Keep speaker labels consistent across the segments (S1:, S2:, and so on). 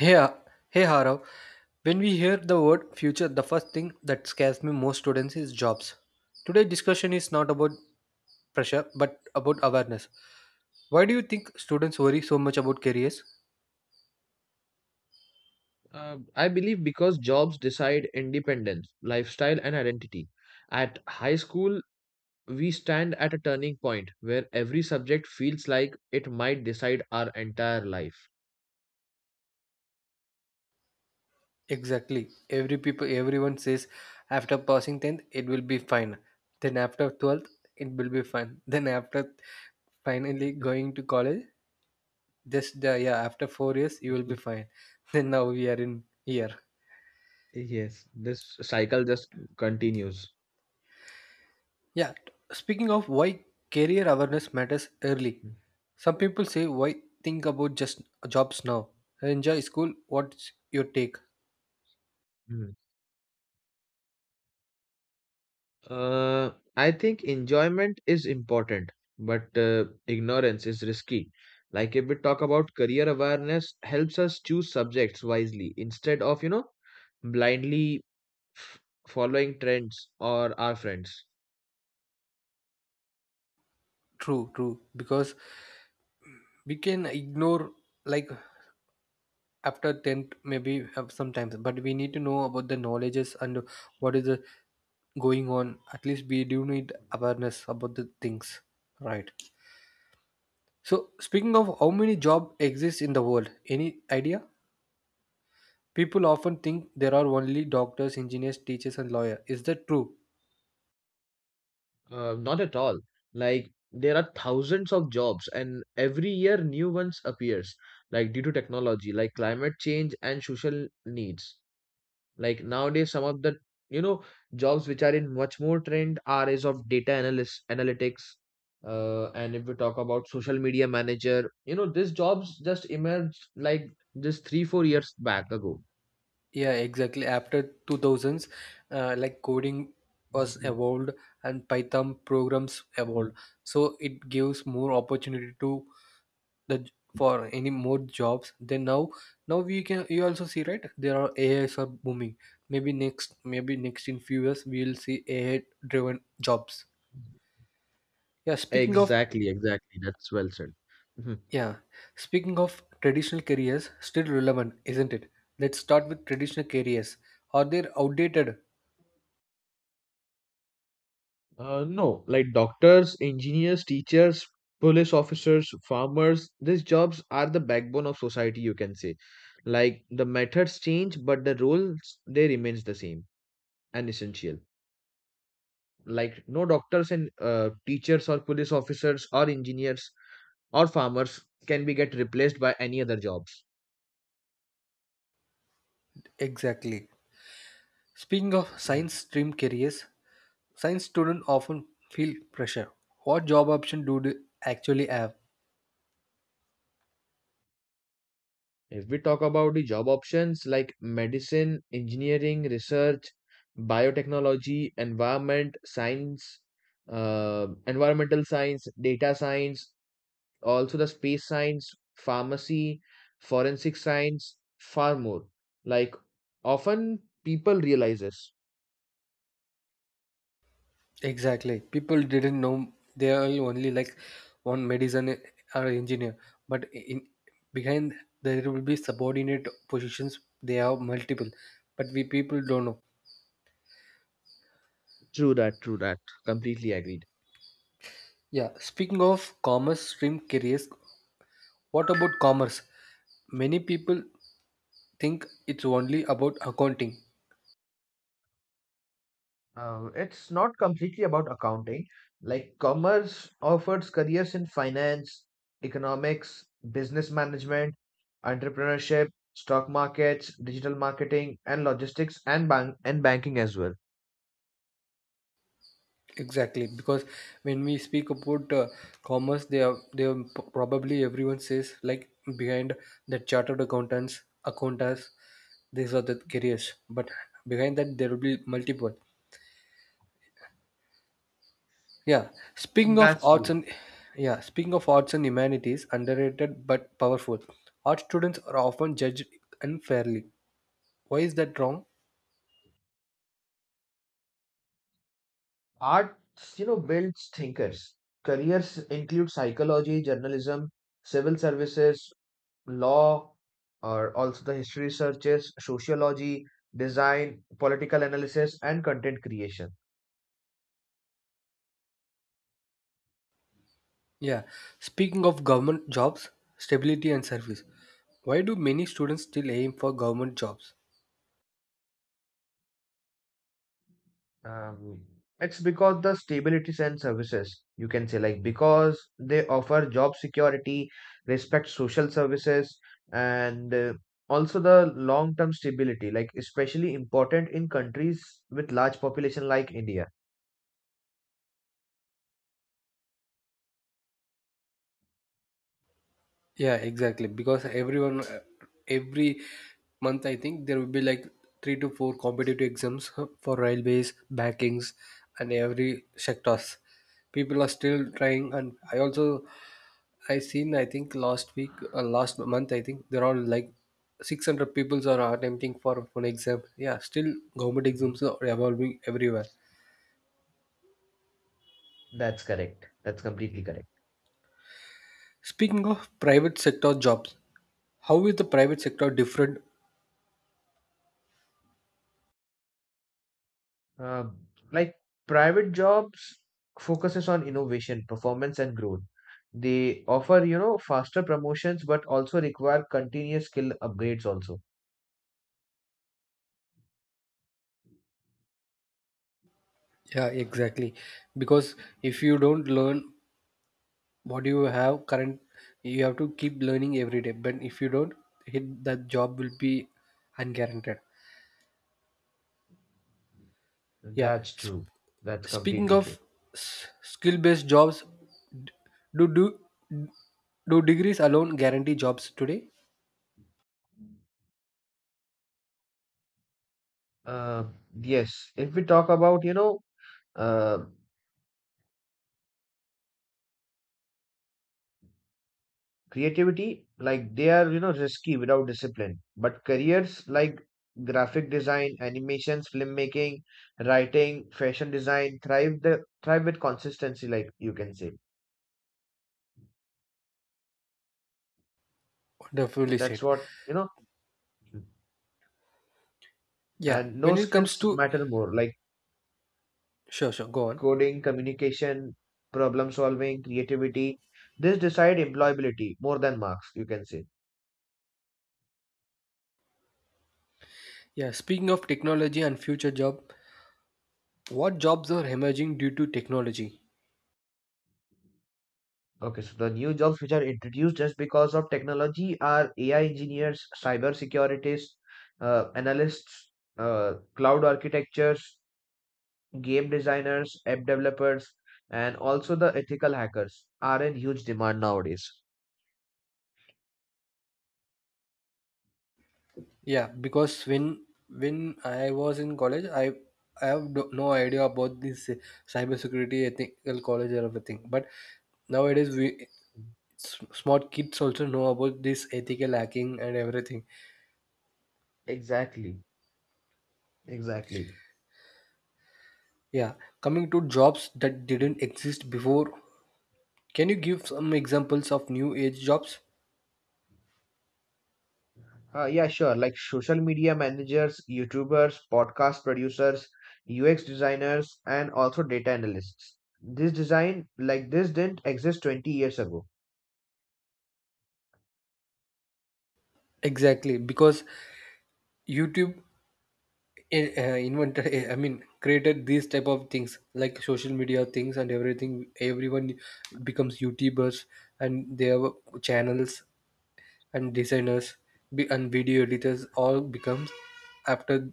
S1: Hey, hey Harav. When we hear the word future, the first thing that scares me most students is jobs. Today discussion is not about pressure but about awareness. Why do you think students worry so much about careers?
S2: I believe because jobs decide independence, lifestyle, and identity. At high school, we stand at a turning point where every subject feels like it might decide our entire life.
S1: Exactly. Everyone says after passing 10th it will be fine. Then after 12th it will be fine. Then after finally going to college just yeah after 4 years you will be fine. Then now we are in here.
S2: Yes, this cycle just continues.
S1: Yeah, speaking of why career awareness matters early, some people say, why think about just jobs now? Enjoy school. What's your take?
S2: Mhm. Uh, I think enjoyment is important, but ignorance is risky. Like if we talk about career awareness, helps us choose subjects wisely instead of, blindly f- following trends or our friends.
S1: True, true. Because we can ignore, like, after 10th, maybe have sometimes, but we need to know about the knowledges and what is the going on. At least we do need awareness about the things, right? So, speaking of how many job exists in the world, any idea? People often think there are only doctors, engineers, teachers, and lawyer. Is that true?
S2: Not at all. Like there are thousands of jobs, and every year new ones appears. Like due to technology, like climate change and social needs. Like nowadays, some of the you know jobs which are in much more trend are is of data analyst analytics. And if we talk about social media manager, you know these jobs just emerged like just 3 or 4 years back ago.
S1: Yeah, exactly. After 2000s, like coding was
S2: Mhm,
S1: evolved and Python programs evolved,
S2: mhm.
S1: so it gives more opportunity to the for any more jobs. Now we can you also see, right, there are AIs are booming. Maybe next in few years we will see AI driven jobs. Yeah, speaking of
S2: Exactly, exactly. That's well said. Mhm.
S1: Yeah, speaking of traditional careers, still relevant, isn't it? Let's start with traditional careers. Are they outdated?
S2: No, like doctors, engineers, teachers, police officers, farmers, these jobs are the backbone of society, you can say. Like the methods change, but the roles they remains the same. And essential. Like no doctors and teachers or police officers or engineers or farmers can be get replaced by any other jobs.
S1: Exactly. Speaking of science
S2: Mhm.
S1: stream careers, science students often feel pressure. What job option do they actually have?
S2: If we talk about the job options like medicine, engineering, research, biotechnology, environment, science, uh, environmental science, data science, also the space science, pharmacy, forensic science, far more. Like often people realizes.
S1: Exactly. People didn't know they are only like one medicine or engineer, but in behind there will be subordinate positions. They have multiple, but we people don't know.
S2: True that, true that. Completely agreed.
S1: Yeah, speaking of commerce stream careers, what about commerce? Many people think it's only about accounting.
S2: It's not completely about accounting. Like commerce offers careers in finance, economics, business management, entrepreneurship, stock markets, digital marketing, and logistics and banking as well.
S1: Exactly, because when we speak about commerce, they are p- probably everyone says like behind the chartered accountants, accountants, these are the careers. But behind that, there will be multiple. Yeah, speaking of
S2: That's
S1: arts
S2: true.
S1: and yeah, speaking of arts and humanities, underrated but powerful. Art students are often judged unfairly. Why is that wrong?
S2: Arts, you know, builds thinkers. Careers include psychology, journalism, civil services, law, or also the history researches, sociology, design, political analysis, and content creation.
S1: Yeah, speaking of government jobs, stability and service. Why do many students still aim for government jobs?
S2: Um, it's because the stabilities and services, you can say, like because they offer job security, respect social services, and also the long term stability, like especially important in countries with large population like India.
S1: Yeah, exactly. Because everyone, every month, I think there will be like three to four competitive exams for railways, bankings, and every sectors. People are still trying, and I also I seen I think last week, last month, I think there are like 600 people are attempting for one exam. Yeah, still government
S2: Mhm.
S1: exams are evolving everywhere.
S2: That's correct. That's completely correct.
S1: Speaking of private sector jobs, how is the private sector different?
S2: Uh, like private jobs focuses on innovation, performance, and growth. They offer, you know, faster promotions, but also require continuous skill upgrades also.
S1: Yeah, exactly. Because if you don't learn what you have current, you have to keep learning every day. But if you don't, hit that job will be unguaranteed. Yeah.
S2: That's
S1: Sp-
S2: true. That's
S1: Speaking
S2: completely true.
S1: of s- skill-based jobs, do do do degrees alone guarantee jobs today?
S2: Uh, yes, if we talk about, you know, uh, creativity, like they are, you know, risky without discipline. But careers like graphic design, animations, filmmaking, writing, fashion design thrive with consistency, like you can say.
S1: Wonderfully
S2: That's
S1: said.
S2: what, you know,
S1: Yeah.
S2: and no
S1: When it comes
S2: skills
S1: to
S2: matter more like
S1: sure, sure, go on.
S2: coding, communication, problem solving, creativity. This decide employability more than marks, you can say.
S1: Yeah. Speaking of technology and future job, what jobs are emerging due to technology?
S2: Okay, so the new jobs which are introduced just because of technology are AI engineers, cyber securities, analysts, cloud architectures, game designers, app developers, and also the ethical hackers are in huge demand nowadays.
S1: Yeah, because when I was in college, I have no idea about this cybersecurity ethical college or everything, but nowadays we s- smart kids also know about this ethical hacking and everything.
S2: Exactly, exactly.
S1: Yeah, coming to jobs that didn't exist before, can you give some examples of new age jobs?
S2: Yeah, sure. Like social media managers, YouTubers, podcast producers, UX designers, and also data analysts. This design, like this, didn't exist 20 years ago.
S1: Exactly, because YouTube invented, eh, I mean, created these type of things like social media things, and everything, everyone becomes YouTubers and their channels and designers be- and video editors all becomes after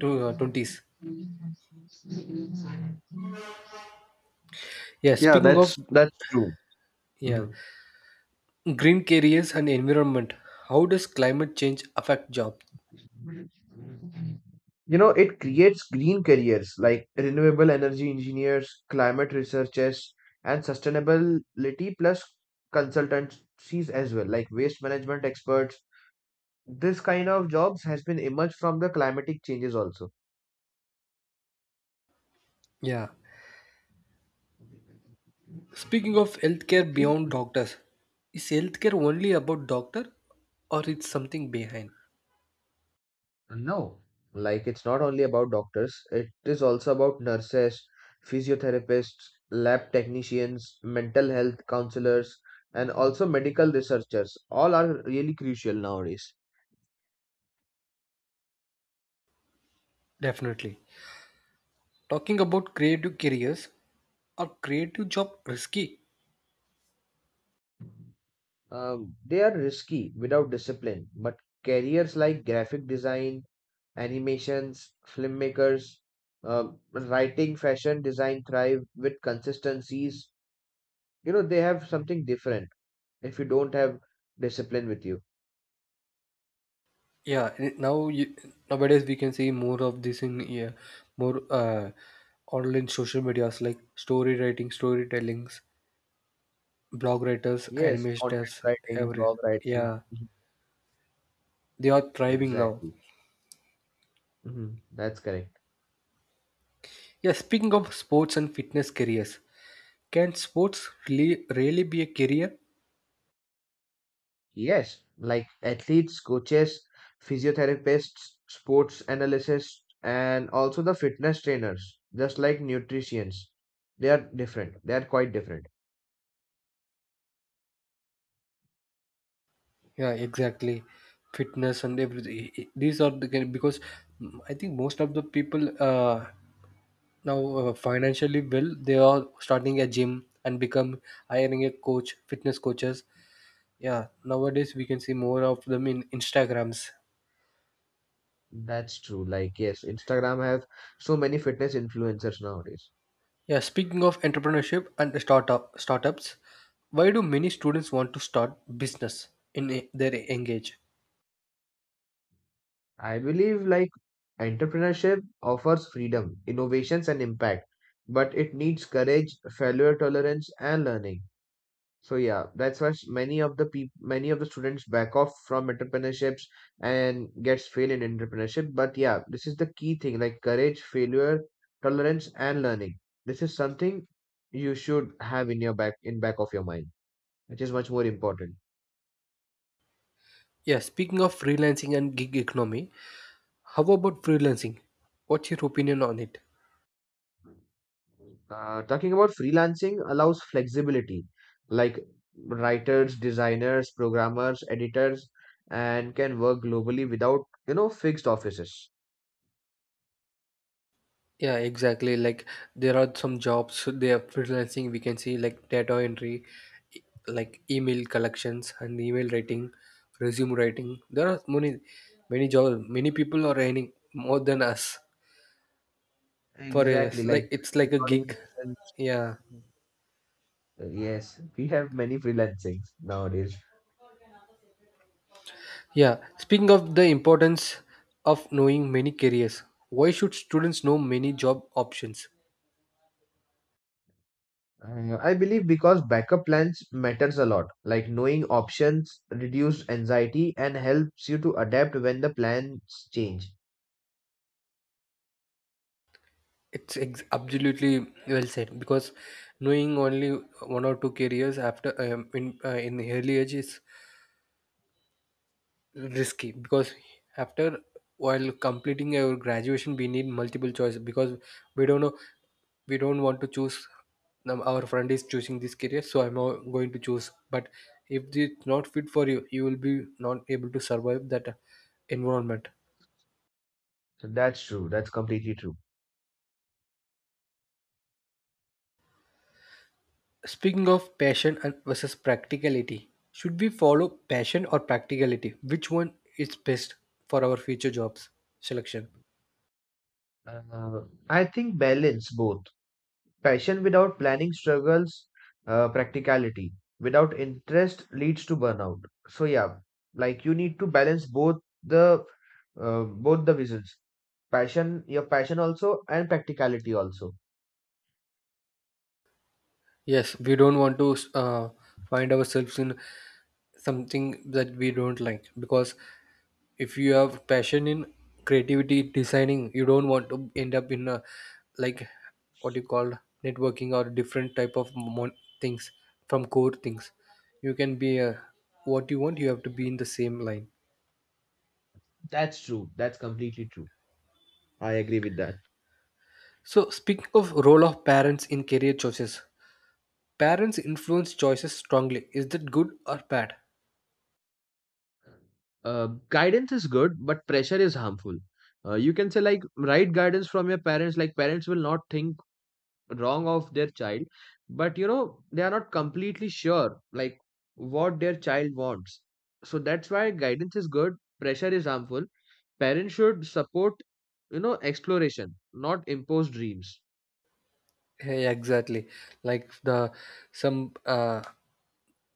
S1: 20s. Yeah,
S2: Yeah,
S1: speaking of
S2: that's true.
S1: yeah,
S2: Mhm.
S1: green careers and environment, how does climate change affect jobs?
S2: You know, it creates green careers like renewable energy engineers, climate researchers, and sustainability plus consultancies as well, like waste management experts. This kind of jobs has been emerged from the climatic changes also.
S1: Yeah, speaking of healthcare beyond doctors, is healthcare only about doctor or it's something behind?
S2: No, like it's not only about doctors, it is also about nurses, physiotherapists, lab technicians, mental health counselors, and also medical researchers. All are really crucial nowadays.
S1: Definitely. Talking about creative careers, are creative job risky?
S2: They are risky without discipline, but careers like graphic design, animations, filmmakers, writing, fashion design thrive with consistencies. You know, they have something different if you don't have discipline with you.
S1: Yeah, n- now you, nowadays we can see more of this in yeah, more online social medias like story writing, storytellings, blog writers,
S2: Yes, content
S1: animators,
S2: writing,
S1: every
S2: blog writing.
S1: yeah,
S2: Mhm.
S1: they are thriving now.
S2: Exactly. That's correct.
S1: Yeah, speaking of sports and fitness careers, can sports really be a career?
S2: Yes, like athletes, coaches, physiotherapists, sports analysts, and also the fitness trainers, just like nutritionists. They are different. They are quite different.
S1: Yeah, exactly. Fitness and everything. These are the because I think most of the people now financially well, they are starting a gym and become hiring a coach, fitness coaches. Yeah, nowadays we can see more of them in instagrams.
S2: That's true. Like, yes, Instagram have so many fitness influencers nowadays.
S1: Yeah, speaking of entrepreneurship and startups, why do many students want to start business in a- their engage?
S2: I believe like entrepreneurship offers freedom, innovations, and impact, but it needs courage, failure tolerance, and learning. So yeah, that's why many of the peop many of the students back off from entrepreneurships and gets fail in entrepreneurship. But yeah, this is the key thing like courage, failure, tolerance, and learning. This is something you should have in your back of your mind, which is much more important.
S1: Yeah, speaking of freelancing and gig economy, how about freelancing? What's your opinion on it?
S2: Talking about freelancing allows flexibility, like writers, designers, programmers, editors, and can work globally without you know fixed offices.
S1: Yeah, exactly, like there are some jobs they are freelancing we can see like data entry, like email collections and email writing, resume writing. There are many jobs. Many people are earning more than us for a,
S2: Exactly, like
S1: like it's like a
S2: recording
S1: gig.
S2: sessions.
S1: Yeah.
S2: Yes, we have many freelancings nowadays.
S1: Yeah. Speaking of the importance of knowing many careers, why should students know many job options?
S2: I believe because backup plans matters a lot. Like knowing options reduce anxiety and helps you to adapt when the plans change.
S1: It's ex- absolutely well said, because knowing only one or two careers after in the early age is risky, because after while completing our graduation we need multiple choice, because we don't know, we don't want to choose now our friend is choosing this career, so I'm not going to choose. But if it's not fit for you, you will be not able to survive that environment.
S2: So that's true. That's completely true.
S1: Speaking of passion and versus practicality, should we follow passion or practicality, which one is best for our future jobs selection?
S2: I think balance both. Passion without planning struggles practicality. Without interest leads to burnout. So yeah, like you need to balance the both the visions. Passion, your passion also, and practicality also.
S1: Yes, we don't want to find ourselves in something that we don't like, because if you have passion in creativity designing, you don't want to end up in a, like, what you call, networking or different type of things from core things. You can be a, what you want, you have to be in the same line.
S2: That's true. That's completely true. I agree with that.
S1: So, speaking of role of parents in career choices, parents influence choices strongly, is that good or bad?
S2: uh, Guidance is good but pressure is harmful you can say. Like right guidance from your parents, like parents will not think wrong of their child, but you know they are not completely sure like what their child wants. So that's why guidance is good, pressure is harmful. Parents should support, you know, exploration, not impose dreams.
S1: Yeah, exactly, like the some uh,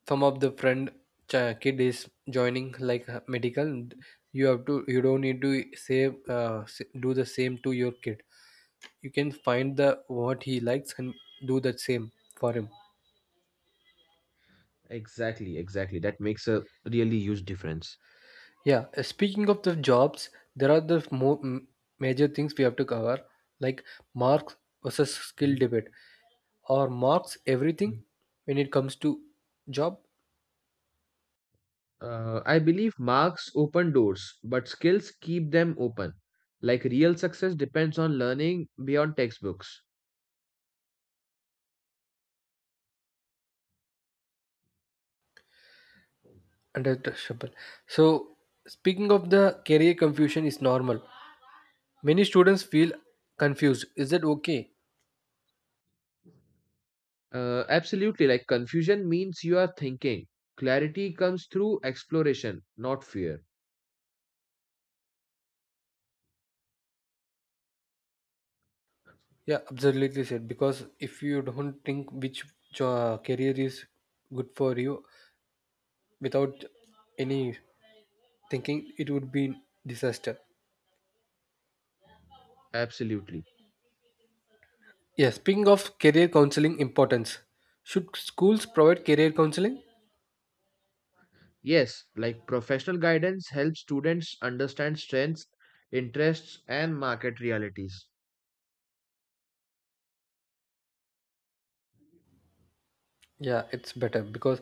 S1: some of the friend ch- kid is joining like medical, and you have to, you don't need to save s- do the same to your kid. You can find the what he likes and do the same for him.
S2: Exactly, exactly. That makes a really huge difference.
S1: Yeah, speaking of the jobs, there are the more m- major things we have to cover, like marks versus skill
S2: Mhm.
S1: debate, or marks everything when it comes to job.
S2: I believe marks open doors but skills keep them open. Like real success depends on learning beyond textbooks.
S1: And at, so, speaking of the career confusion is normal. Many students feel confused. Is that okay?
S2: Absolutely. Like confusion means you are thinking. Clarity comes through exploration, not fear.
S1: Yeah, absolutely said. Because if you don't think which jo- career is good for you without any thinking, it would be disaster.
S2: Absolutely.
S1: Yeah, speaking of career counseling importance, should schools provide career counseling?
S2: Yes, like professional guidance helps students understand strengths, interests, and market realities.
S1: Yeah, it's better because,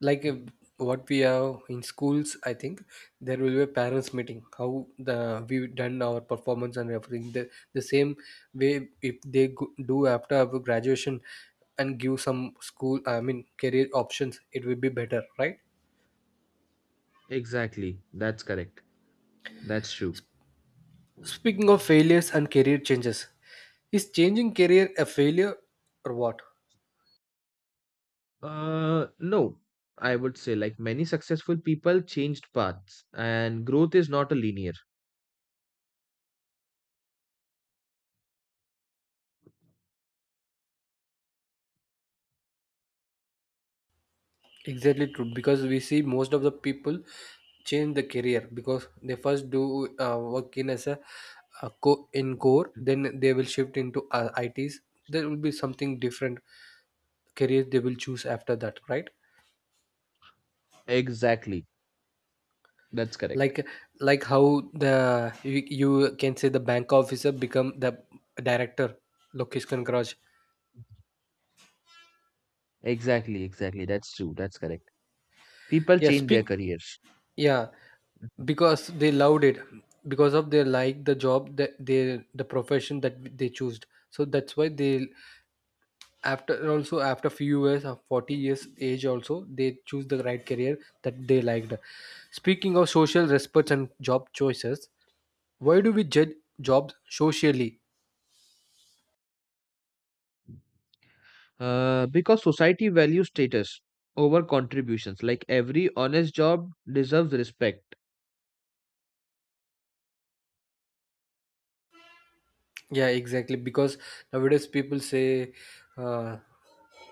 S1: like, if,
S2: Mhm.
S1: what we have in schools, I think there will be a parents' meeting. How the we done our performance and everything. The same way if they go, do after our graduation and give some school, I mean, career options, it will be better, right?
S2: Exactly. That's correct. That's true.
S1: Speaking of failures and career changes, is changing career a failure or what?
S2: No, I would say like many successful people changed paths, and growth is not a linear.
S1: Exactly true, because we see most of the people change the career because they first do work in as a co- in core, then they will shift into ITs. There will be something different careers they will choose after that, right?
S2: Exactly. That's correct.
S1: like like how the you, you can say the bank officer become the director Lokesh Kankaraj.
S2: Exactly, exactly. That's true. That's correct. People
S1: yeah
S2: change their
S1: speak
S2: careers.
S1: yeah, because they loved it, because of they like the job that they the profession that they choose, so that's why they after also after few years of 40 years age also they choose the right career that they liked. Speaking of social respects and job choices, why do we judge jobs socially?
S2: Because society values status over contributions. Like every honest job deserves respect.
S1: Yeah, exactly, because nowadays people say uh,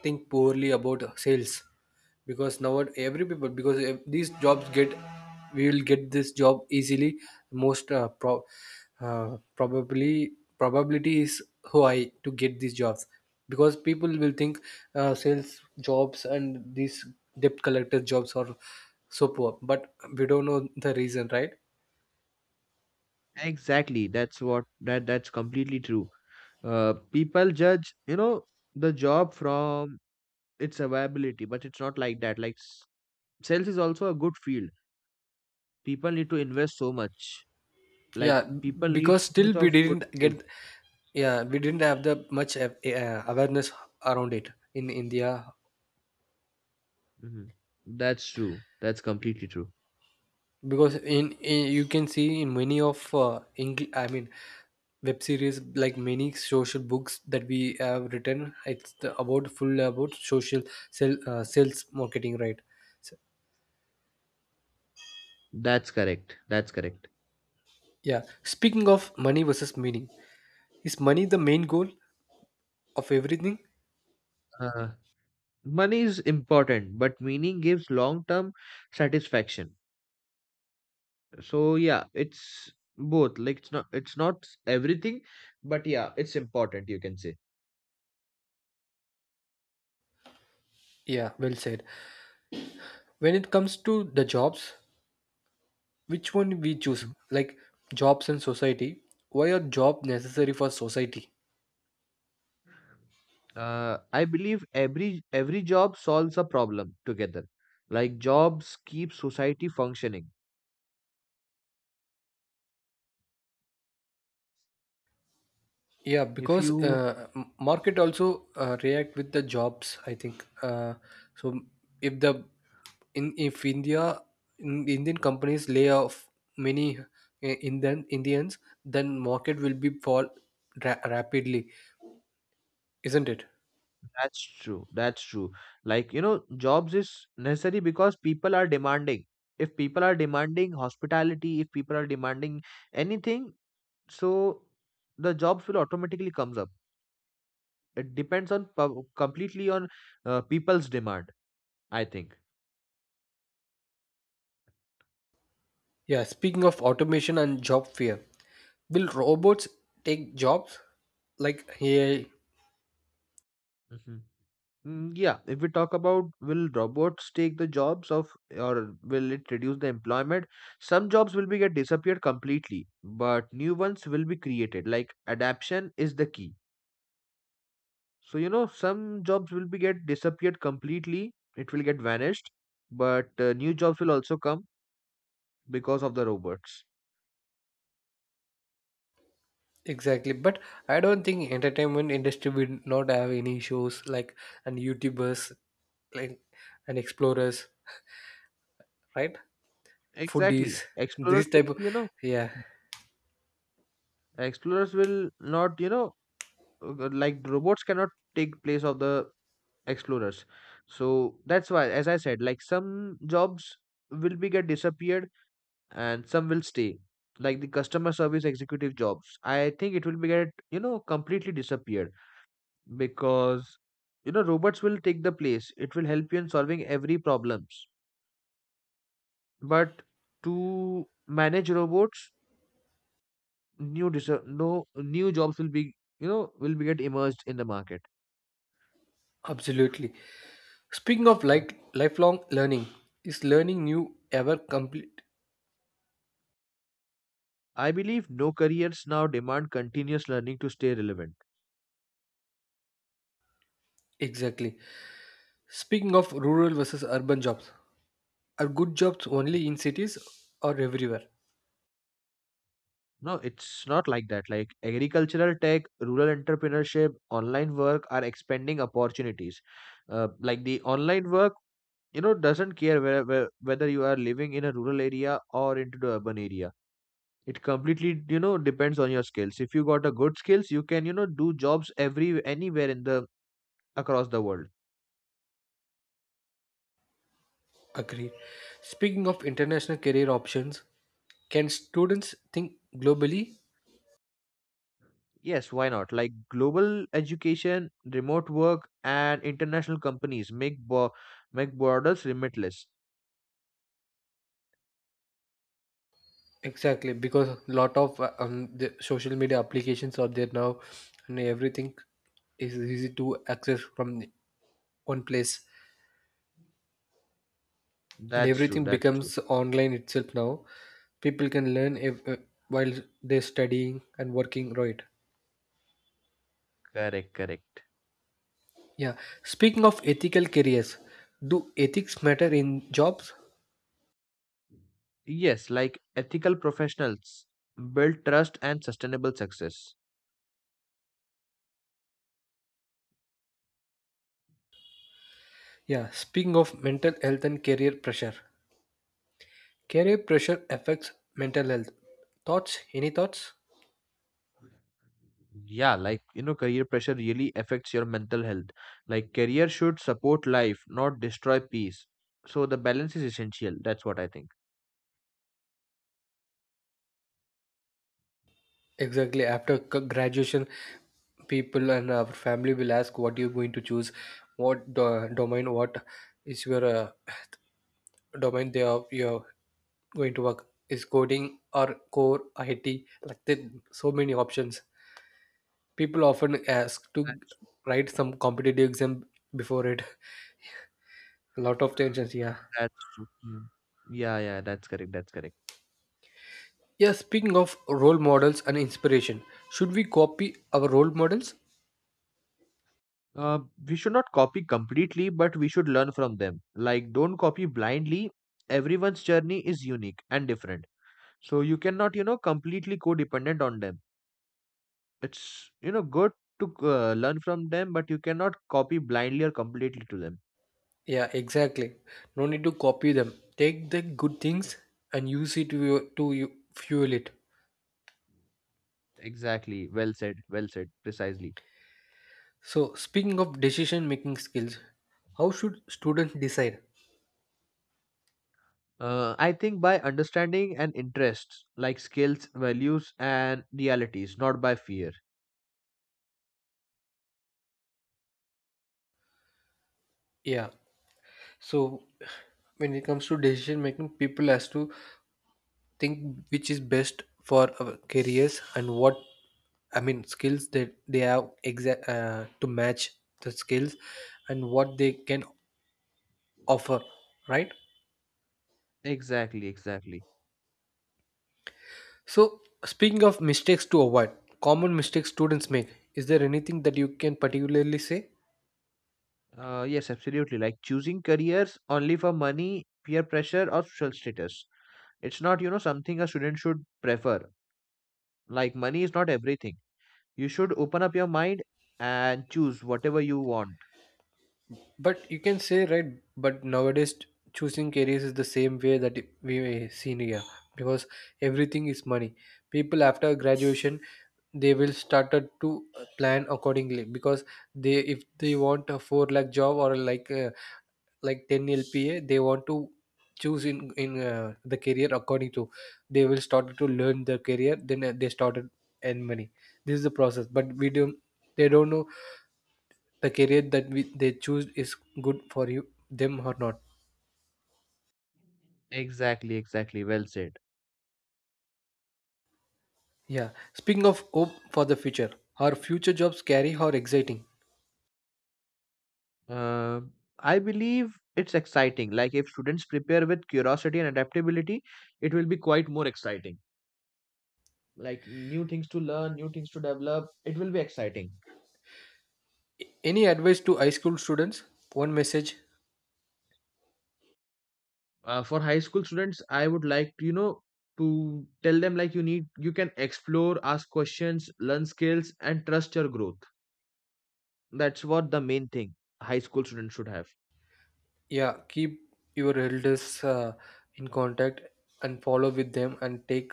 S1: think poorly about sales, because now what every people, because if these jobs get we will get this job easily, most probably probability is high to get these jobs, because people will think sales jobs and these debt collector jobs are so poor, but we don't know the reason, right?
S2: Exactly. That's what that That's completely true. People judge, you know, the job from its availability, but it's not like that. Like sales is also a good field. People need to invest so much.
S1: Yeah,
S2: Like people need
S1: because
S2: so
S1: still
S2: much
S1: we
S2: of good
S1: didn't
S2: skills.
S1: get, yeah, we didn't have the much awareness around it in India.
S2: Mhm. That's true. That's completely true.
S1: Because in, you can see in many of Engl- I mean web series, like many social books that we have written, it's the, about full about social sell, sales marketing, right? So,
S2: That's correct. That's correct.
S1: yeah, speaking of money versus meaning, is money the main goal of everything?
S2: Uh, Money is important but meaning gives long term satisfaction. So yeah, it's both. Like it's not everything, but yeah, it's important, you can say.
S1: Yeah, well said. When it comes to the jobs, which one we choose,
S2: Mhm.
S1: like, jobs and society, why are job necessary for society?
S2: I believe every job solves a problem together. Like jobs keep society functioning.
S1: Yeah,
S2: If
S1: because
S2: you
S1: m- market also react with the jobs. I think so. If the in if India in, Indian companies lay off many Indians, then market will be fall ra- rapidly, isn't it?
S2: That's true, that's true. Like you know jobs is necessary because people are demanding. If people are demanding hospitality, if people are demanding anything, so the jobs will automatically comes up. It depends on completely on people's demand, I think.
S1: Yeah. Speaking of automation and job fear, will robots take jobs like AI?
S2: Mhm. Yeah, if we talk about will robots take the jobs of or will it reduce the employment, some jobs will be get disappeared completely, but new ones will be created. Like adaptation is the key. So you know some jobs will be get disappeared completely, it will get vanished, but new jobs will also come because of the robots.
S1: Exactly, but I don't think entertainment industry will not have any shows like and YouTubers, like and explorers, right? Foodies,
S2: Exactly. Explorers
S1: this
S2: will
S1: type of,
S2: be, you know,
S1: yeah,
S2: explorers will not, you know, like robots cannot take place of the explorers. So that's why, as I said, like some jobs will be get disappeared and some will stay. Like the customer service executive jobs, I think it will be get, you know, completely disappeared because, you know, robots will take the place. It will help you in solving every problems. But to manage robots, new dis no new jobs will be, you know, will be get emerged in the market.
S1: absolutely. Speaking of like lifelong learning, is learning new ever complete?
S2: I believe no careers now demand continuous learning to stay relevant.
S1: Exactly. Speaking of rural versus urban jobs, are good jobs only in cities or everywhere?
S2: No, it's not like that. Like agricultural tech, rural entrepreneurship, online work are expanding opportunities. Like the online work, you know, doesn't care whether you are living in a rural area or into the urban area. It completely, you know, depends on your skills. If you got a good skills, you can, you know, do jobs every anywhere in the across the world.
S1: Agreed. Speaking of international career options, can students think globally?
S2: Yes, why not? Like global education, remote work, and international companies make make borders limitless.
S1: Exactly, because lot of the social media applications are there now, and everything is easy to access from one place, and
S2: That's true.
S1: everything
S2: That's true.
S1: becomes online itself now. People can learn if, while they're studying and working, right?
S2: Correct. Correct.
S1: Yeah. Speaking of ethical careers, do ethics matter in jobs?
S2: Yes, like ethical professionals build trust and sustainable success.
S1: Yeah. Speaking of mental health and career pressure affects mental health. Thoughts? Any thoughts?
S2: Yeah, like you know, career pressure really affects your mental health. Like career should support life, not destroy peace. So the balance is essential. That's what I think.
S1: Exactly. After c- graduation, people and our family will ask what you're going to choose, what do- domain, what is your domain they are you're going to work, is coding or core it, like there are so many options, people often ask
S2: That,
S1: to write some competitive exam before it. A lot of tensions, yeah.
S2: that's true. Yeah, yeah, that's correct. That's correct.
S1: Yeah, speaking of role models and inspiration, should we copy our role models?
S2: Uh, we should not copy completely, but we should learn from them. Like, don't copy blindly. Everyone's journey is unique and different. So you cannot, you know, completely codependent on them. It's, you know, good to learn from them, but you cannot copy blindly or completely to them.
S1: Yeah, exactly. No need to copy them. Take the good things and use it to, your- to you- fuel it.
S2: Exactly. Well said. Well said. Precisely.
S1: So, speaking of decision making skills, how should students decide?
S2: I think by understanding and interests, like skills, values, and realities, not by fear.
S1: Yeah. So, when it comes to decision making, people has to think which is best for our careers and what I mean skills that they have exact to match the skills and what they can offer, right?
S2: Exactly. Exactly.
S1: So, speaking of mistakes to avoid, common mistakes students make, is there anything that you can particularly say?
S2: Yes, absolutely. Like choosing careers only for money, peer pressure, or social status. It's not, you know, something a student should prefer. Like money is not everything. You should open up your mind and choose whatever you want.
S1: But you can say, right, but nowadays choosing careers is the same way that we seen here, because everything is money. People after graduation they will started to plan accordingly, because they if they want a 4 lakh job or like a, like 10 LPA they want to choose in the career according to they will started to learn their career then they started earn money, this is the process, but we don't, they don't know the career that we, they choose is good for you them or not.
S2: Exactly, exactly. Well said.
S1: Yeah, speaking of hope for the future, are future jobs scary or exciting?
S2: Um I believe it's exciting. Like if students prepare with curiosity and adaptability, it will be quite more exciting. Like new things to learn, new things to develop. It will be exciting.
S1: Any advice to high school students, one message?
S2: For high school students, I would like to, you know, to tell them like you need, you can explore, ask questions, learn skills, and trust your growth. That's what the main thing high school students should have.
S1: Yeah, keep your elders in contact and follow with them and take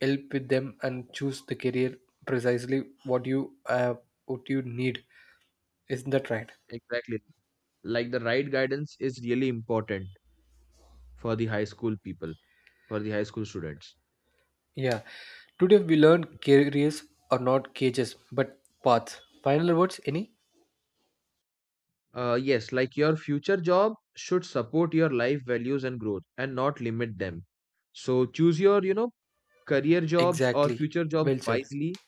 S1: help with them and choose the career precisely uh, what you need, isn't that right?
S2: Exactly. Like the right guidance is really important for the high school people, for the high school students.
S1: Yeah, today we learned careers are not cages but paths. Final words, any?
S2: Yes, like your future job should support your life values and growth and not limit them. So choose your, you know, career jobs or
S1: Exactly.
S2: future jobs
S1: Well said.
S2: wisely.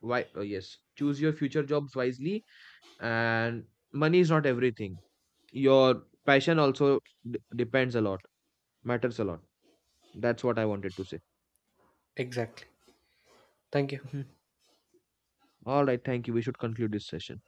S2: Why Yes, choose your future jobs wisely. And money is not everything. Your passion also depends a lot, matters a lot. That's what I wanted to say.
S1: Exactly. Thank you.
S2: Mhm. All right, thank you. We should conclude this session.